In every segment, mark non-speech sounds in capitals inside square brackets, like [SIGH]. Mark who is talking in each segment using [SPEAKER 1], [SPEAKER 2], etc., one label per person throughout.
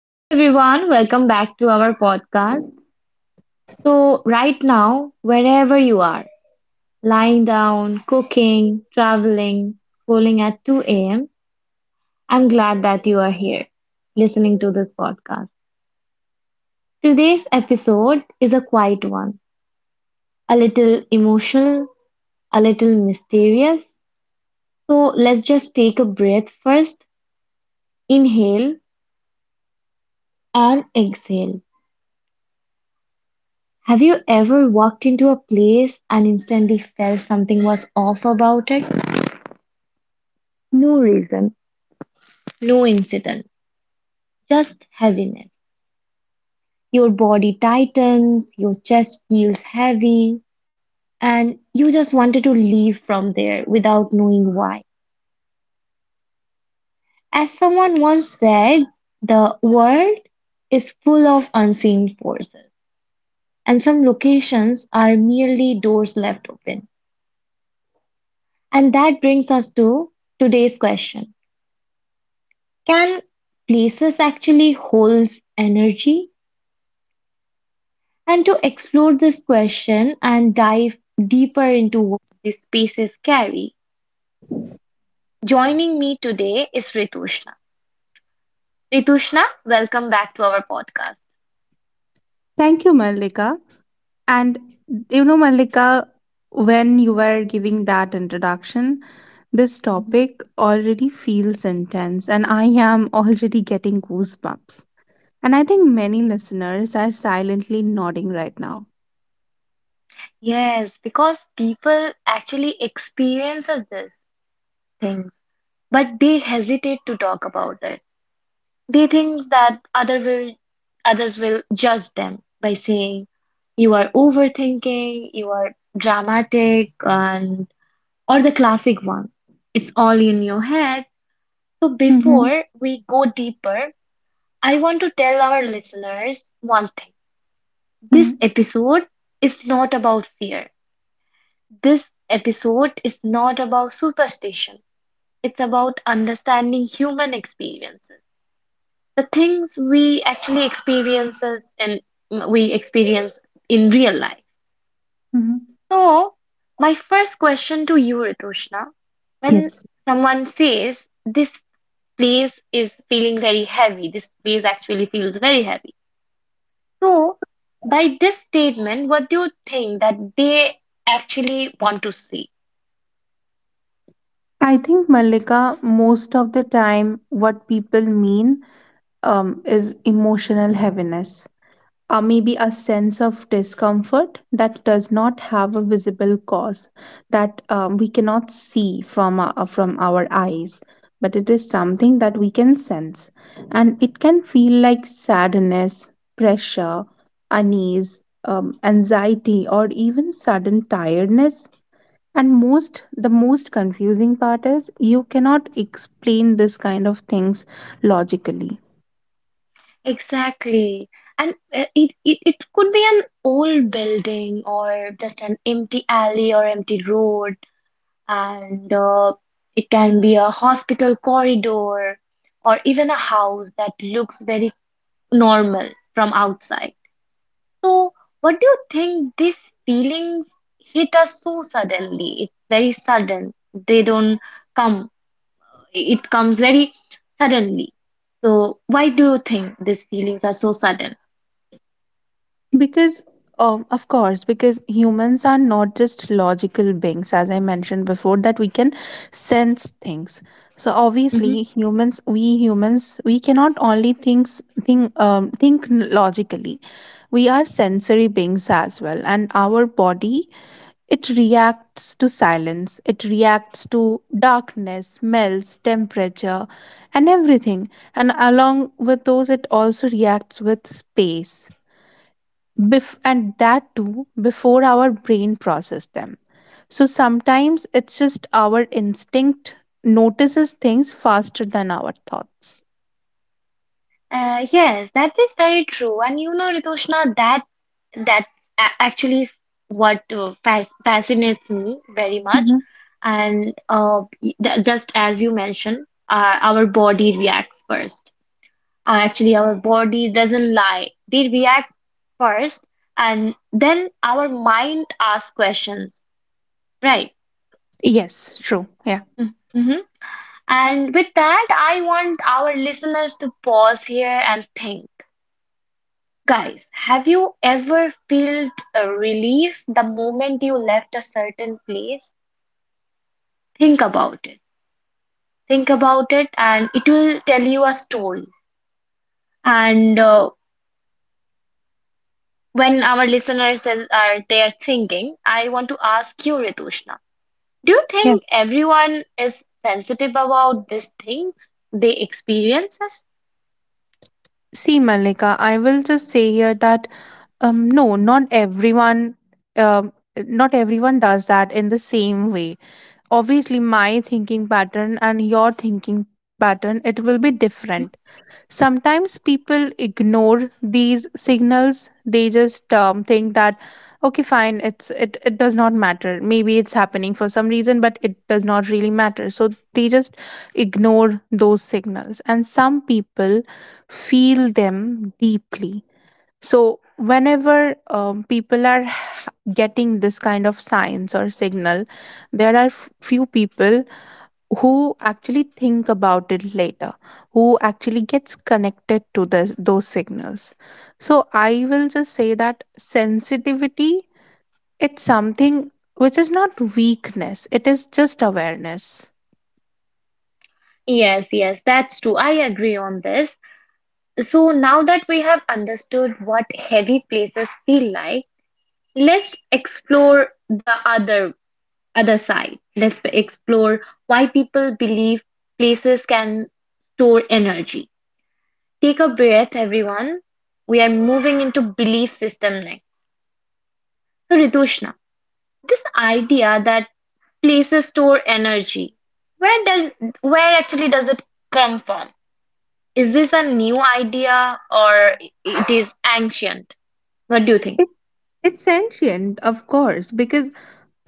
[SPEAKER 1] Hello, everyone. Welcome back to our podcast. So, right now, wherever you are, lying down, cooking, traveling, scrolling at 2 a.m., I'm glad that you are here listening to this podcast. Today's episode is a quiet one, a little emotional, a little mysterious. So, let's just take a breath first, inhale and exhale. Have you ever walked into a place and instantly felt something was off about it? No reason, no incident, just heaviness. Your body tightens, your chest feels heavy, and you just wanted to leave from there without knowing why. As someone once said, the world is full of unseen forces, and some locations are merely doors left open. And that brings us to today's question: can places actually hold energy? And to explore this question and dive deeper into what these spaces carry, joining me today is Ritushna. Ritushna, welcome back to our podcast.
[SPEAKER 2] Thank you, Mallika. And you know, Mallika, when you were giving that introduction, this
[SPEAKER 1] Mhm.
[SPEAKER 2] topic already feels intense, and I am [LAUGHS] already getting goosebumps. And I think many listeners are silently nodding right now.
[SPEAKER 1] Yes, because people actually experiences these things, but they hesitate to talk about it. They think that others will judge them by saying you are overthinking, you are dramatic, and Or the classic one, it's all in your head. So
[SPEAKER 2] Mhm,
[SPEAKER 1] before we go deeper, I want to tell our listeners one thing. This
[SPEAKER 2] mhm,
[SPEAKER 1] episode is not about fear. This episode is not about superstition. It's about understanding human experiences. The things we experience in real life.
[SPEAKER 2] mhm.
[SPEAKER 1] So, my first question to you, Ritushna, when
[SPEAKER 2] Yes.
[SPEAKER 1] someone says this place is feeling very heavy. this place actually feels very heavy. So, by this statement, what do you think that they actually want to say?
[SPEAKER 2] I think, Mallika, most of the time, what people mean is emotional heaviness, or maybe a sense of discomfort that does not have a visible cause, that we cannot see from from our eyes, but it is something that we can sense, and it can feel like sadness, pressure, unease, anxiety, or even sudden tiredness. And most the most confusing part is, you cannot explain this kind of things logically.
[SPEAKER 1] Exactly. And it could be an old building or just an empty alley or empty road, and it can be a hospital corridor or even a house that looks very normal from outside. So, what do you think these feelings hit us so suddenly? It's very sudden. They don't come, it comes very suddenly. So, why do you think these feelings are so sudden?
[SPEAKER 2] Because, of course, because humans are not just logical beings, as I mentioned before, that we can sense things. So
[SPEAKER 1] Hmm.
[SPEAKER 2] obviously, we humans, we cannot only think think logically. We are sensory beings as well, and our body, it reacts to silence, it reacts to darkness, smells, temperature, and everything, and along with those, it also reacts with space. And that too before our brain process them. So sometimes it's just our instinct notices things faster than our thoughts.
[SPEAKER 1] Yes, that is very true. And you know, Ritushna, that that's a actually f- what fas fascinates me very much.
[SPEAKER 2] hmm
[SPEAKER 1] And just as you mentioned, our body reacts first. Actually, our body doesn't lie. They react first, and then our mind asks questions, right?
[SPEAKER 2] Yes, true. Yeah.
[SPEAKER 1] Hmm. And with that, I want our listeners to pause here and think. Guys, have you ever felt a relief the moment you left a certain place? Think about it. Think about it, and it will tell you a story. And when our are there thinking, I want to ask you, Ritushna, do you
[SPEAKER 2] Yeah.
[SPEAKER 1] think everyone is sensitive about these things they experiences?
[SPEAKER 2] See, Malika, I will just say here that, no, not everyone, not everyone does that in the same way. Obviously, my thinking pattern and your thinking pattern, it will be
[SPEAKER 1] Mhm.
[SPEAKER 2] different. Sometimes people ignore these signals. They just think that, okay, fine, it does not matter. Maybe it's happening for some reason, but it does not really matter. So they just ignore those signals. And some people feel them deeply. So whenever people are getting this kind of signs or signal, there are few people who actually think about it later, who actually gets connected to those signals. So I will just say that sensitivity, it's something which is not weakness, it is just awareness.
[SPEAKER 1] Yes, yes, that's true. I agree on this. So now that we have understood what heavy places feel like, let's explore the other side. Let's explore why people believe places can store energy. Take a breath, everyone. We are moving into belief system next. So, Ritushna, this idea that places store energy, Where does where actually does it come from? Is this a new idea or it is ancient? What do you think?
[SPEAKER 2] It's ancient, of course, because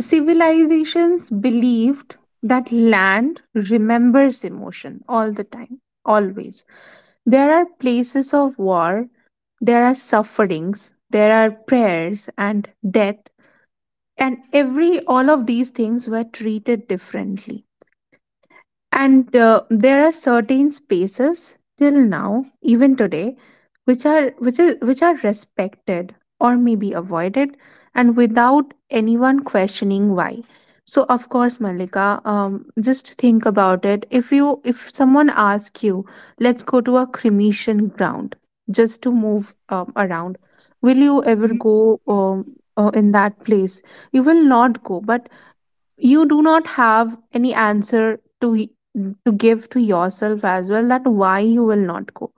[SPEAKER 2] civilizations believed that land remembers emotion all the time, always. There are places of war, there are sufferings, there are prayers and death, and every all of these things were treated differently. And there are certain spaces till now, even today, which are which are respected or maybe avoided, and without anyone questioning why. So of course, Malika, just think about it. If you if someone asks you, let's go to a cremation ground just to move around, will you ever go in that place? You will not go, but you do not have any answer to to give to yourself as well, that why you will not go.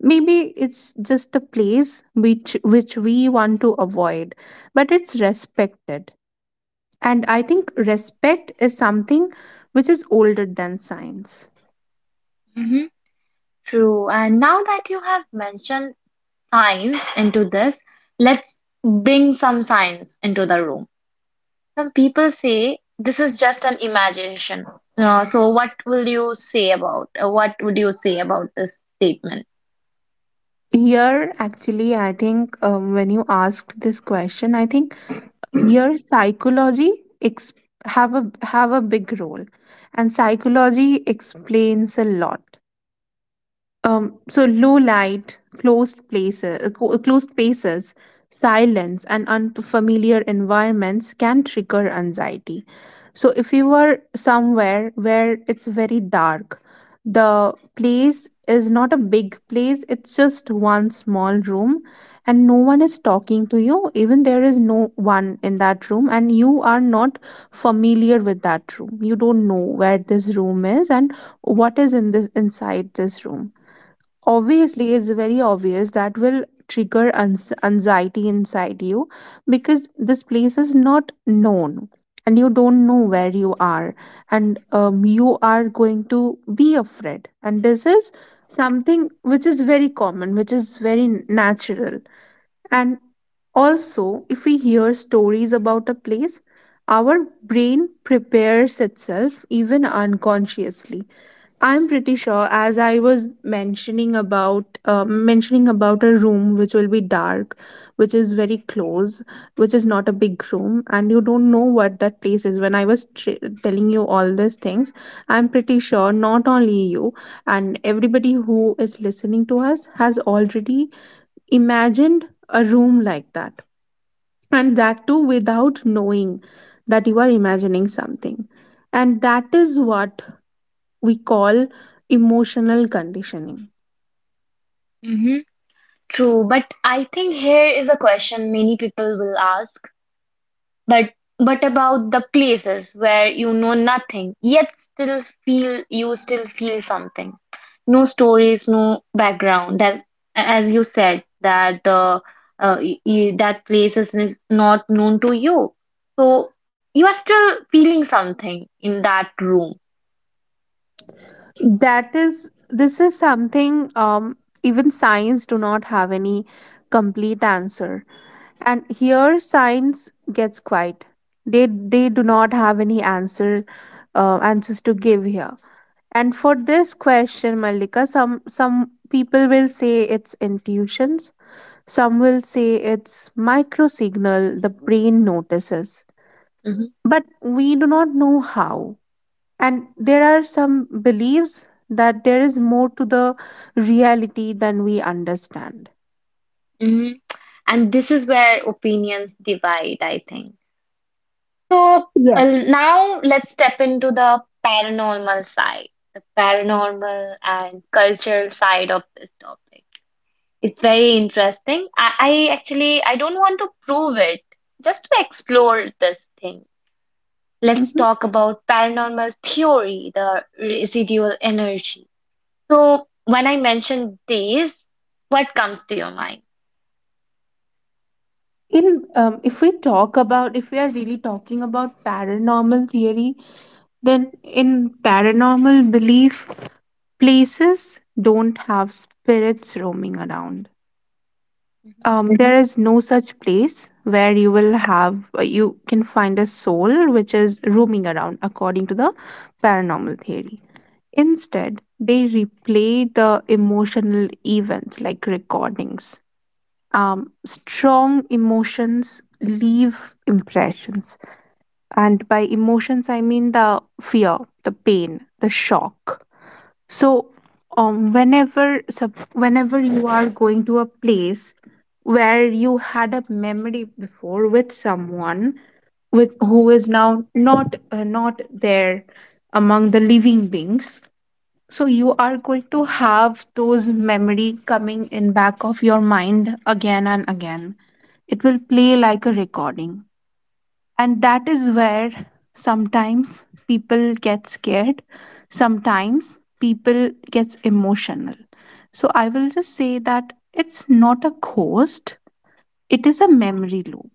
[SPEAKER 2] Maybe it's just a place which we want to avoid, but it's respected, and I think respect is something which is older than science.
[SPEAKER 1] Mm-hmm. True. And now that you have mentioned science into this, let's bring some science into the room. Some people say this is just an imagination. What would you say about this statement?
[SPEAKER 2] Here actually I think, when you asked this question, I think here, psychology, ex- have a big role, and psychology explains a lot. So low light, closed places, closed spaces, silence, and unfamiliar environments can trigger anxiety. So if you are somewhere where it's very dark, the place is not a big place, it's just one small room, and no one is talking to you. Even there is no one in that room, and you are not familiar with that room. You don't know where this room is, and what is in this inside this room. Obviously, it's very obvious that will trigger anxiety inside you, because this place is not known, and you don't know where you are, and you are going to be afraid, and this is something which is very common, which is very natural. And also, if we hear stories about a place, our brain prepares itself even unconsciously. I'm pretty sure, as I was mentioning about a room which will be dark, which is very close, which is not a big room, and you don't know what that place is. When I was telling you all these things, I'm pretty sure not only you and everybody who is listening to us has already imagined a room like that, and that too without knowing that you are imagining something, and that is what we call emotional conditioning.
[SPEAKER 1] True, but I think here is a question many people will ask. But what about the places where you know nothing, yet still feel you still feel something? No stories, no background. That's as you said that that place is not known to you, so you are still feeling something in that room.
[SPEAKER 2] That is this is something, even science do not have any complete answer, and here science gets quiet. they they do not have any answer, answers to give here. And for this question, Malika, some people will say it's intuitions, some will say it's micro signal the brain notices,
[SPEAKER 1] Hmm.
[SPEAKER 2] but we do not know how. And there are some beliefs that there is more to the reality than we understand.
[SPEAKER 1] Hmm. And this is where opinions divide, I think. So
[SPEAKER 2] Yes.
[SPEAKER 1] now let's step into the paranormal side, the paranormal and cultural side of this topic. It's very interesting. I actually I don't want to prove it, just to explore this thing. Let's
[SPEAKER 2] Mhm.
[SPEAKER 1] talk about paranormal theory, the residual energy. So when I mention these, what comes to your mind?
[SPEAKER 2] In if we talk about if we are really talking about paranormal theory, then in paranormal belief, places don't have spirits roaming around.
[SPEAKER 1] Mhm,
[SPEAKER 2] There Mhm. is no such place where you will have you can find a soul which is roaming around according to the paranormal theory. Instead, they replay the emotional events like recordings. Strong emotions leave impressions. And by emotions, I mean the fear, the pain, the shock. So, whenever you are going to a place where you had a memory before with someone, with who is
[SPEAKER 1] mhm,
[SPEAKER 2] now not there among the living beings, so you
[SPEAKER 1] mhm.
[SPEAKER 2] are going to have those memory coming in back of your mind again and again. It will play like a recording, and that is where sometimes people get scared, sometimes people gets emotional. So I will just say that it's not a ghost, it is a memory loop.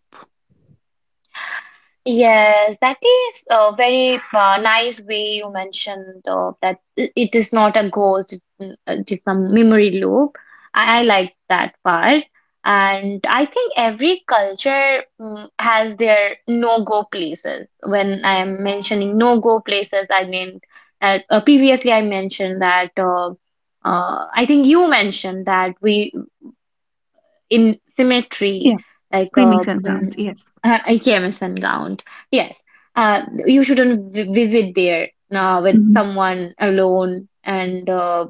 [SPEAKER 1] Yes, that is a very nice way you mentioned that it is not a ghost, it is some memory loop. I like that part. And I think every culture has their no-go places. When I am mentioning no-go places, I mean, previously I mentioned that, I think you mentioned that we in symmetry,
[SPEAKER 2] Yeah,
[SPEAKER 1] like
[SPEAKER 2] cremation grounds, yes.
[SPEAKER 1] IKMS gown. Yes, you shouldn't vi visit there with
[SPEAKER 2] Mhm.
[SPEAKER 1] someone alone, and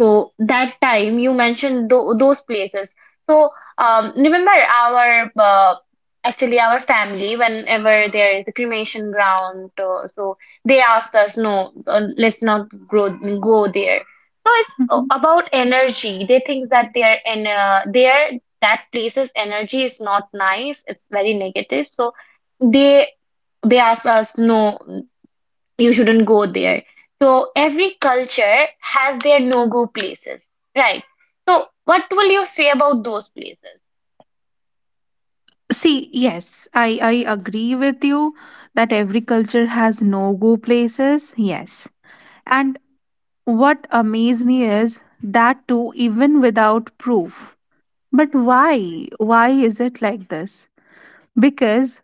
[SPEAKER 1] so that time you mentioned those places. So remember our actually our family whenever there is a cremation ground, so they asked us, no, let's not grow, go there. So it's
[SPEAKER 2] Mhm.
[SPEAKER 1] about energy. They think that their in their that place's energy is not nice. It's very negative. So they they asked us, no, you shouldn't go there. So every culture has their no-go places, right? So what will you say about those places?
[SPEAKER 2] See, yes, I agree with you that every culture has no go places. Yes. And what amazed me is that too, even without proof. But why? Why is it like this? Because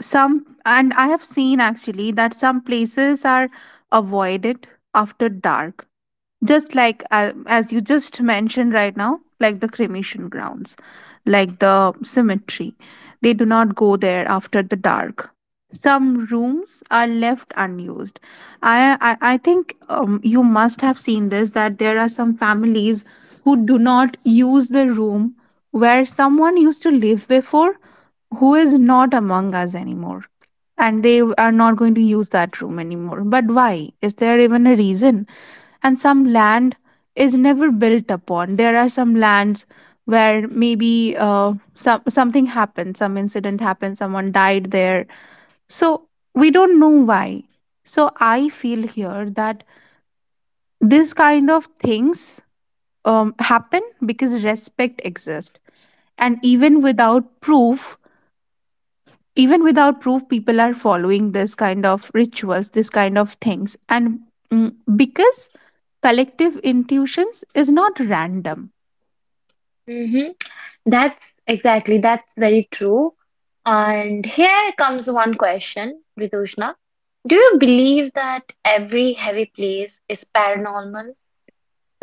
[SPEAKER 2] some, and I have seen actually that some places are avoided after dark, just like as you just mentioned right now, like the cremation grounds, like the cemetery, they do not go there after the dark. Some rooms are left unused. I think you must have seen this, that there are some families who do not use the room where someone used to live before, who is not among us anymore, and they are not going to use that room anymore. But why? Is there even a reason? And some land is never built upon. There are some lands where maybe something happened, some incident happened, someone died there. So we don't know why. So I feel here that this kind of things, happen because respect exists, and even without proof, people are following this kind of rituals, this kind of things, and, mm, because collective intuitions is not random.
[SPEAKER 1] Mm-hmm. That's exactly, that's very true. And here comes one question, Vidushna. Do you believe that every heavy place is paranormal?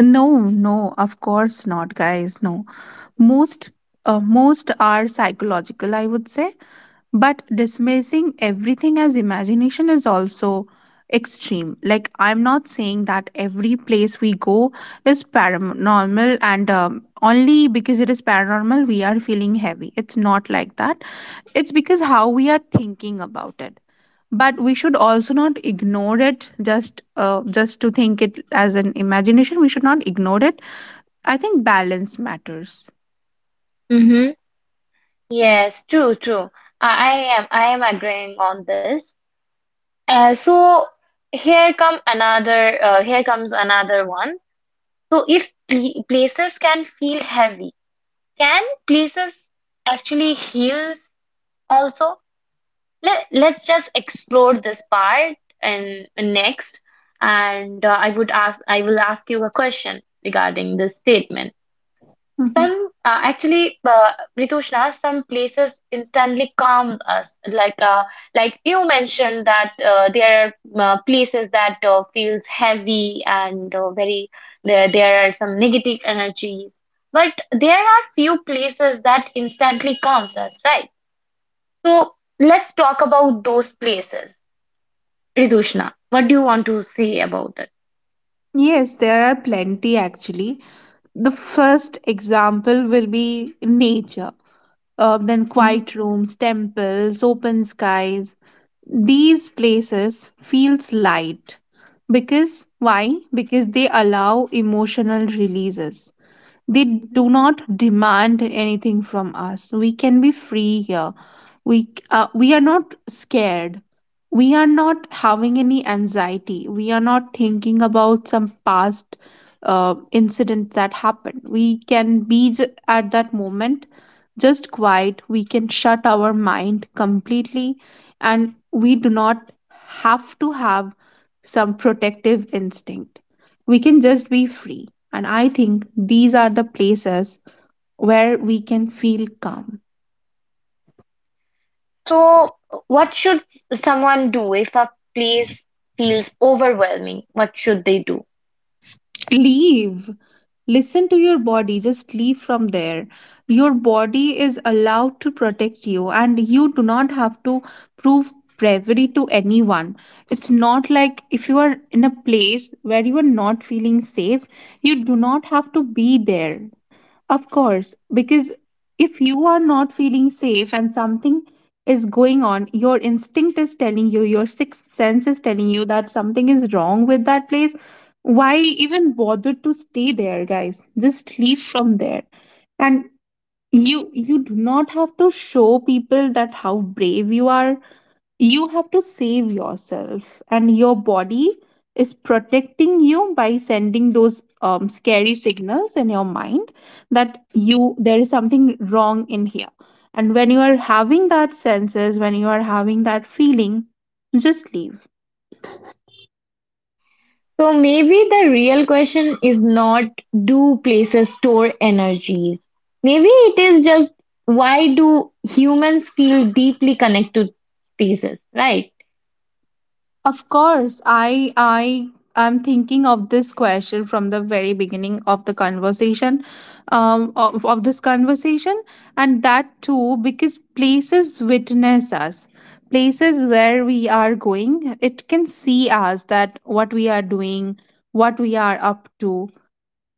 [SPEAKER 2] No, no, of course not, guys. No, most most are psychological, I would say, but dismissing everything as imagination is also extreme. Like, I'm not saying that every place we go is paranormal, and only because it is paranormal we are feeling heavy. It's not like that. It's because how we are thinking about it. But we should also not ignore it, just to think it as an imagination. We should not ignore it. I think balance matters.
[SPEAKER 1] Mm-hmm. Yes, true, true. I I I am agreeing on this. Uh, so Here comes another one. So if places can feel heavy, can places actually heal also? Let's just explore this part and next. And I will ask you a question regarding this statement.
[SPEAKER 2] Mhm.
[SPEAKER 1] Some uh, actually, uh, Ritushna, some places instantly calm us. Like you mentioned that there are places that feels heavy, and very there there are some negative energies. But there are few places that instantly calms us, right? So let's talk about those places. Ritushna, what do you want to say about it?
[SPEAKER 2] Yes, there are plenty actually. The first example will be nature, then
[SPEAKER 1] Mhm.
[SPEAKER 2] quiet rooms, temples, open skies. These places feels light, because why? Because they allow emotional releases. They do not demand anything from us. We can be free here. We are not scared. We are not having any anxiety. We are not thinking about some past incident that happened. We can be at that moment just quiet. We can shut our mind completely, and we do not have to have some protective instinct, we can just be free. And I think these are the places where we can feel calm.
[SPEAKER 1] So, what should someone do if a place feels overwhelming? What should they do?
[SPEAKER 2] Leave, listen to your body, just leave from there. Your body is allowed to protect you, and you do not have to prove bravery to anyone. It's not like if you are in a place where you are not feeling safe, you do not have to be there. Of course, because if you are not feeling safe and something is going on, your instinct is telling you, your sixth sense is telling you that something is wrong with that place. Why even bother to stay there, guys? Just leave from there. And you do not have to show people that how brave you are. You have to save yourself, and your body is protecting you by sending those scary signals in your mind, that you there is something wrong in here. And when you are having that senses, when you are having that feeling, just leave.
[SPEAKER 1] So maybe the real question is not, do places store energies? Maybe it is just, why do humans feel deeply connected to spaces, right?
[SPEAKER 2] Of course, I I'm thinking of this question from the very beginning of the conversation, of this conversation, and that too because places witness us. Places where we are going, it can see us that what we are doing, what we are up to,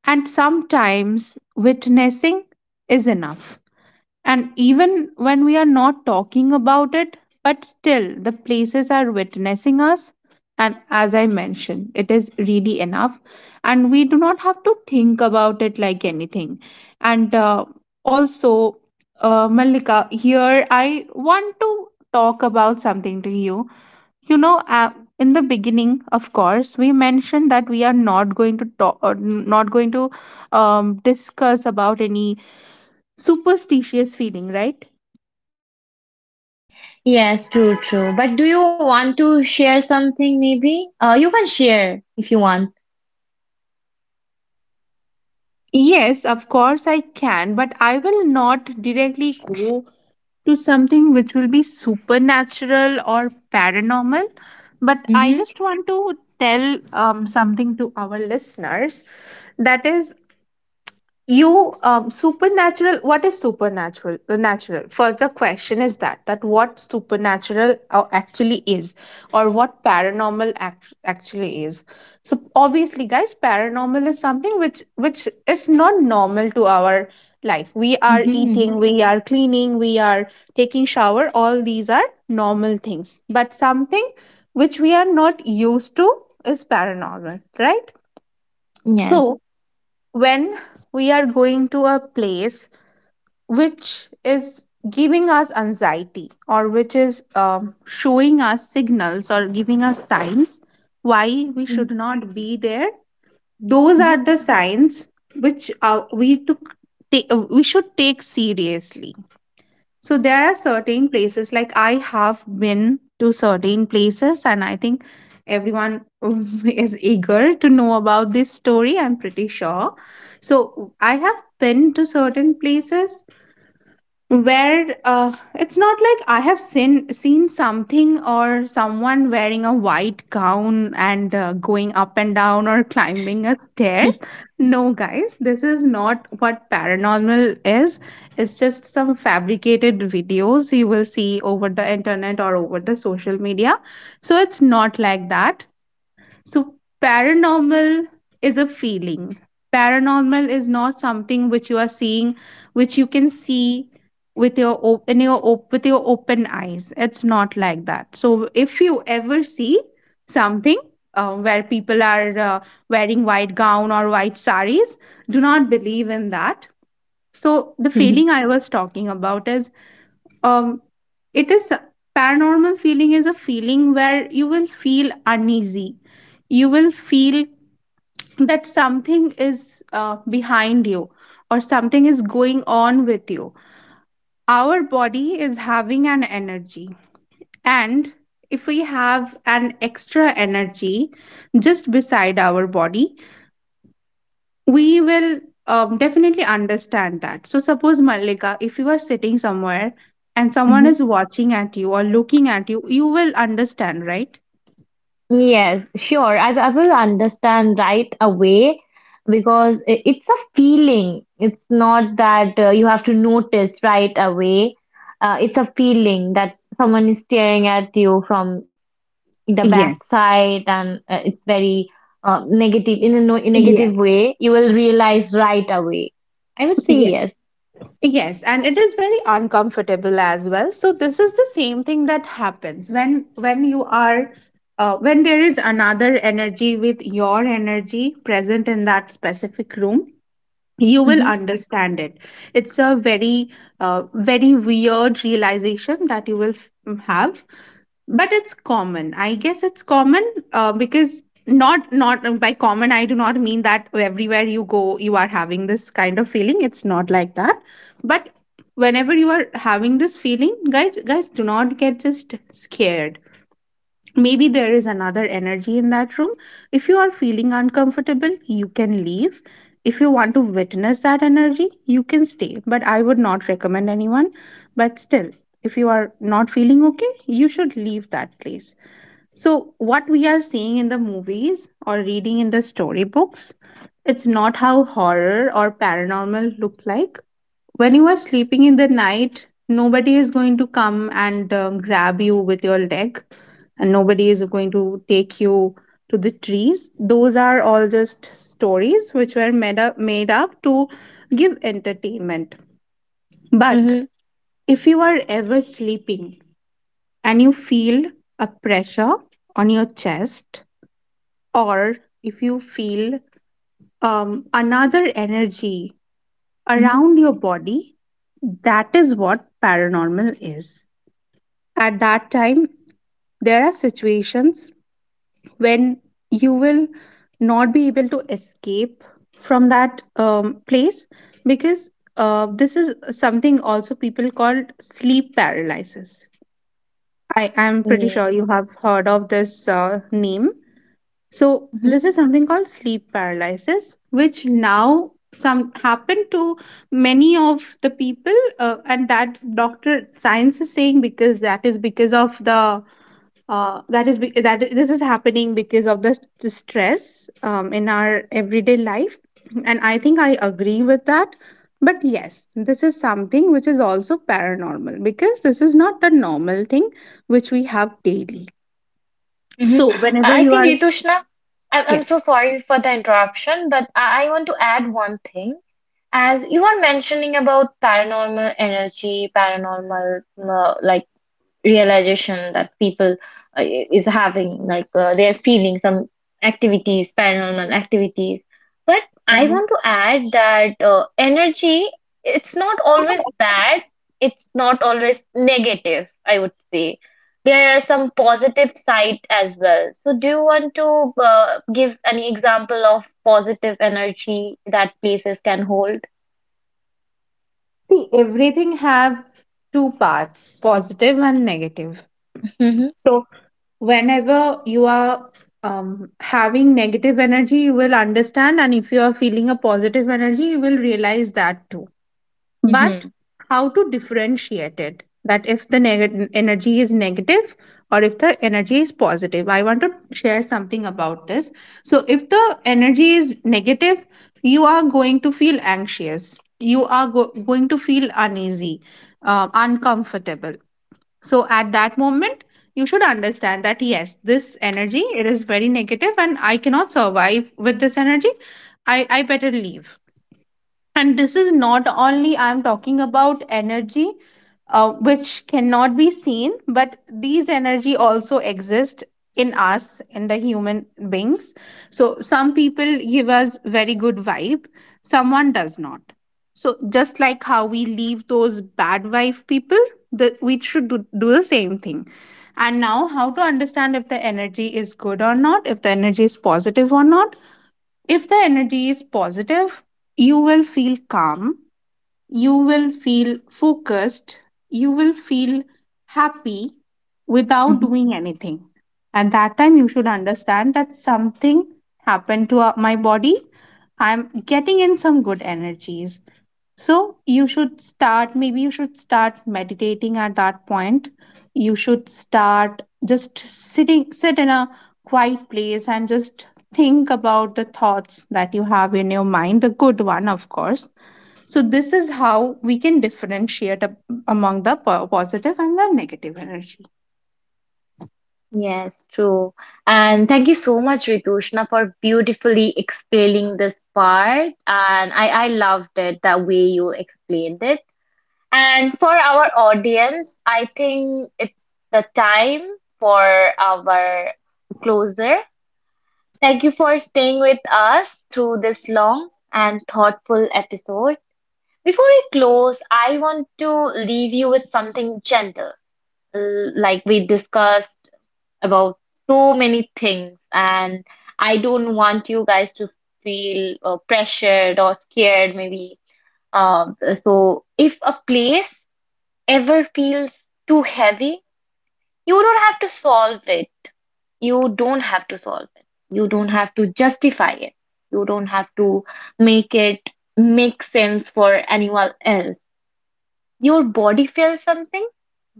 [SPEAKER 2] and sometimes witnessing is enough, and even when we are not talking about it, but still the places are witnessing us. And as I mentioned, it is really enough. And we do not have to think about it like anything. And uh, also, Malika, here I want to talk about something to you. You know In the beginning, of course, we mentioned that we are not going to talk or not going to discuss about any superstitious feeling, right?
[SPEAKER 1] Yes, true, true. But do you want to share something maybe? You can share if you want.
[SPEAKER 2] Yes, of course, I can, but I will not directly go to something which will be supernatural or paranormal, but I
[SPEAKER 1] Mm-hmm.
[SPEAKER 2] just want to tell something to our listeners. That is, you supernatural what is supernatural natural first the question is that that what supernatural actually is or what paranormal actually is. So obviously, guys, paranormal is something which is not normal to our life. We are
[SPEAKER 1] Mm-hmm. Mm-hmm.
[SPEAKER 2] eating, we are cleaning, we are taking shower, all these are normal things, but something which we are not used to is paranormal, right?
[SPEAKER 1] Yes.
[SPEAKER 2] So when we are going to a place which is giving us anxiety or which is showing us signals or giving us signs why we should not be there, those are the signs which we should take seriously. So there are certain places, like I have been to certain places, and I think everyone [LAUGHS] is eager to know about this story, I'm pretty sure. So I have been to certain places where it's not like I have seen something or someone wearing a white gown and going up and down or [LAUGHS] climbing a stair. No, guys, this is not what paranormal is. It's just some fabricated videos you will see over the internet or over the social media. So it's not like that. So, paranormal is a feeling. Paranormal is not something which you are seeing, which you can see with your op- in your op- with your open eyes. It's not like that. So, if you ever see something where people are wearing white gown or white saris, do not believe in that. So, the
[SPEAKER 1] Mm-hmm.
[SPEAKER 2] feeling I was talking about is um it is paranormal feeling is a feeling where you will feel uneasy, you will feel that something is behind you or something is going on with you. Our body is having an energy, and if we have an extra energy just beside our body, we will definitely understand that. So, suppose, Malika, if you are sitting somewhere and someone is
[SPEAKER 1] [LAUGHS]
[SPEAKER 2] watching at you or looking at you, you will understand, right?
[SPEAKER 1] Yes, sure. I will understand right away because it's a feeling. It's not that you have to notice right away. It's a feeling that someone is staring at you from the
[SPEAKER 2] Yes.
[SPEAKER 1] backside, and it's very negative in a no negative
[SPEAKER 2] Yes.
[SPEAKER 1] way. You will realize right away. I would say
[SPEAKER 2] Yes.
[SPEAKER 1] yes.
[SPEAKER 2] Yes, and it is very uncomfortable as well. So this is the same thing that happens when you are when there is another energy with your energy present in that specific room, you will
[SPEAKER 1] Mm-hmm.
[SPEAKER 2] understand it. It's a very very weird realization that you will have, but it's common, I guess, it's common, because not not by common I do not mean that everywhere you go you are having this kind of feeling. It's not like that. But whenever you are having this feeling, guys, do not get just scared. Maybe there is another energy in that room. If you are feeling uncomfortable, you can leave. If you want to witness that energy, you can stay. But I would not recommend anyone. But still, if you are not feeling okay, you should leave that place. So, what we are seeing in the movies or reading in the storybooks, it's not how horror or paranormal look like. When you are sleeping in the night, nobody is going to come and grab you with your leg, and nobody is going to take you to the trees. Those are all just stories which were made up to give entertainment. But
[SPEAKER 1] Mm-hmm.
[SPEAKER 2] if you are ever sleeping and you feel a pressure on your chest, or if you feel another energy
[SPEAKER 1] Mm-hmm.
[SPEAKER 2] around your body, that is what paranormal is. At that time, there are situations when you will not be able to escape from that place because this is something also people called sleep paralysis. I am pretty
[SPEAKER 1] Yeah.
[SPEAKER 2] sure you have heard of this name. So this is something called sleep paralysis, which now some happen to many of the people, and that doctor science is saying because that is because of the that is be- that is- this is happening because of the, the stress in our everyday life, and I think I agree with that. But yes, this is something which is also paranormal because this is not the normal thing which we have daily.
[SPEAKER 1] Hmm.
[SPEAKER 2] So whenever
[SPEAKER 1] I
[SPEAKER 2] you
[SPEAKER 1] think
[SPEAKER 2] are
[SPEAKER 1] Ritushna, I'm so sorry for the interruption, but I want to add one thing. As you are mentioning about paranormal energy, paranormal like realization that people is having, like they're feeling some activities, paranormal activities, but I
[SPEAKER 2] yeah.
[SPEAKER 1] want to add that energy, it's not always bad, it's not always negative, I would say. There are some positive side as well. So do you want to give any example of positive energy that places can hold?
[SPEAKER 2] See, everything have two parts, positive and negative.
[SPEAKER 1] Mm-hmm.
[SPEAKER 2] So whenever you are having negative energy, you will understand, and if you are feeling a positive energy, you will realize that too. But
[SPEAKER 1] Mm-hmm.
[SPEAKER 2] how to differentiate it, that if the energy is negative or if the energy is positive, I want to share something about this. So if the energy is negative, you are going to feel anxious, you are going to feel uneasy, uncomfortable. So at that moment, you should understand that yes, this energy, it is very negative and I cannot survive with this energy. I better leave. And this is not only I'm talking about energy which cannot be seen, but these energy also exist in us, in the human beings. So some people give us very good vibe, someone does not. So just like how we leave those bad vibe people, that we should do, do the same thing. And now how to understand if the energy is good or not, if the energy is positive or not. If the energy is positive, you will feel calm, you will feel focused, you will feel happy without doing anything. At that time, you should understand that something happened to my body. I'm getting in some good energies. So, you should start, maybe you should start meditating at that point. You should start just sitting, sit in a quiet place and just think about the thoughts that you have in your mind, the good one, of course. So, this is how we can differentiate among the positive and the negative energy.
[SPEAKER 1] Yes, true. And thank you so much, Ritushna, for beautifully explaining this part. And I loved it the way you explained it. And for our audience, I think it's the time for our closer. Thank you for staying with us through this long and thoughtful episode. Before we close, I want to leave you with something gentle, like we discussed about so many things, and I don't want you guys to feel pressured or scared, maybe. So, if a place ever feels too heavy, you don't have to solve it. You don't have to solve it. You don't have to justify it. You don't have to make it make sense for anyone else. Your body feels something,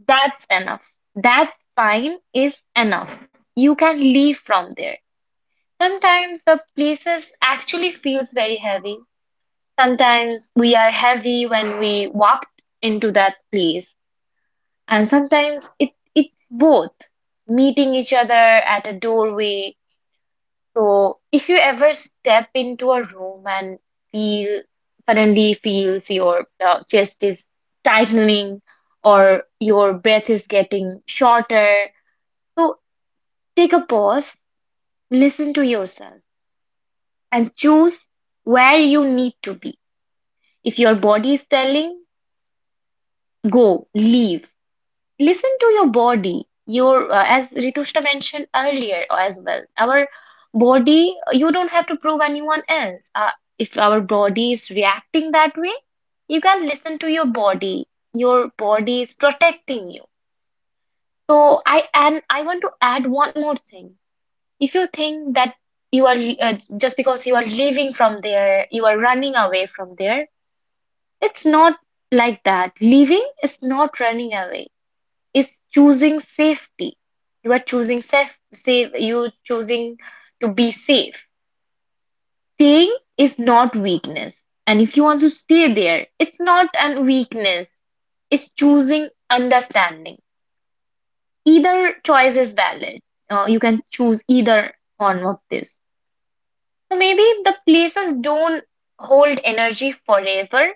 [SPEAKER 1] that's enough. That fine is enough. You can leave from there. Sometimes the places actually feels very heavy. Sometimes we are heavy when we walk into that place. And sometimes it's both meeting each other at a doorway. So if you ever step into a room and feel suddenly feels your chest is tightening or your breath is getting shorter, so take a pause, listen to yourself and choose where you need to be. If your body is telling, go, leave. Listen to your body. Your, as Ritushna mentioned earlier as well, our body, you don't have to prove anyone else. If our body is reacting that way, you can listen to your body. Your body is protecting you. So I want to add one more thing. If you think that you are just because you are leaving from there, you are running away from there, it's not like that. Leaving is not running away. It's choosing safety. You are choosing you choosing to be safe. Staying is not weakness. And if you want to stay there, it's not an weakness. It's choosing understanding. Either choice is valid. You can choose either one of this. So maybe the places don't hold energy forever.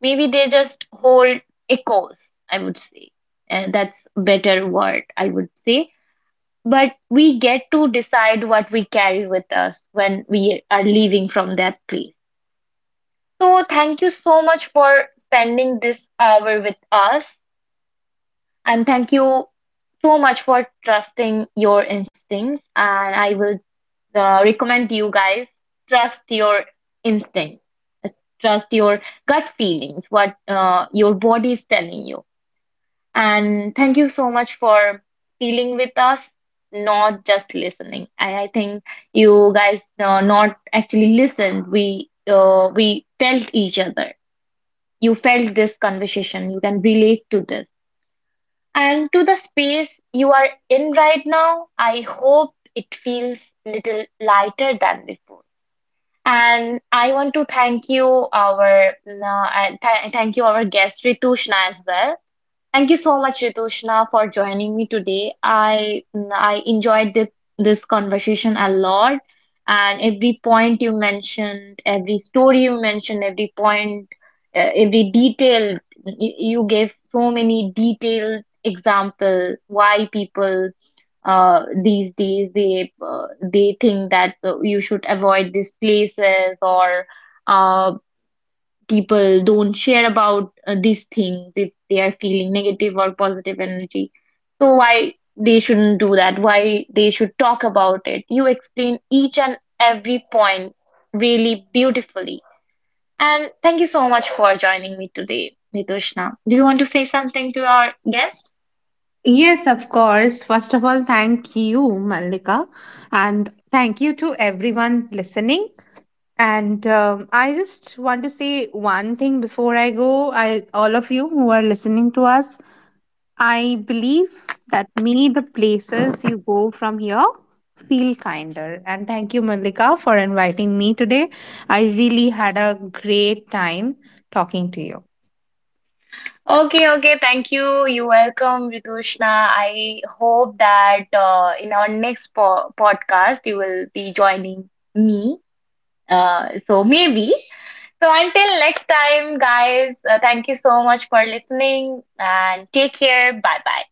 [SPEAKER 1] Maybe they just hold echoes, I would say. That's a better word, I would say. But we get to decide what we carry with us when we are leaving from that place. So thank you so much for spending this hour with us. And thank you so much for trusting your instincts. And I will recommend you guys trust your instinct, trust your gut feelings, what your body is telling you. And thank you so much for feeling with us, not just listening. I think you guys not actually listened. We felt each other. You felt this conversation. You can relate to this. And to the space you are in right now, I hope it feels little lighter than before. And I want to thank you, our th thank you, our guest Ritushna as well. Thank you so much, Ritushna, for joining me today. I enjoyed this conversation a lot, and every point you mentioned, every story you mentioned, every point, every detail you gave so many detailed example why people these days they think that you should avoid these places, or uh, people don't share about these things if they are feeling negative or positive energy. So why they shouldn't do that? Why they should talk about it? You explain each and every point really beautifully. And thank you so much for joining me today, Nitushna. Do you want to say something to our guest?
[SPEAKER 2] Yes, of course. First of all, thank you, Malika, and thank you to everyone listening. And I just want to say one thing before I go. I, all of you who are listening to us, I believe that many the places you go from here feel kinder. And thank you, Malika, for inviting me today. I really had a great time talking to you.
[SPEAKER 1] Okay, okay, thank you. You're welcome, Ritushna. I hope that in our next po podcast you will be joining me. So maybe. So until next time, guys, thank you so much for listening and take care. Bye bye.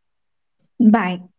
[SPEAKER 2] Bye.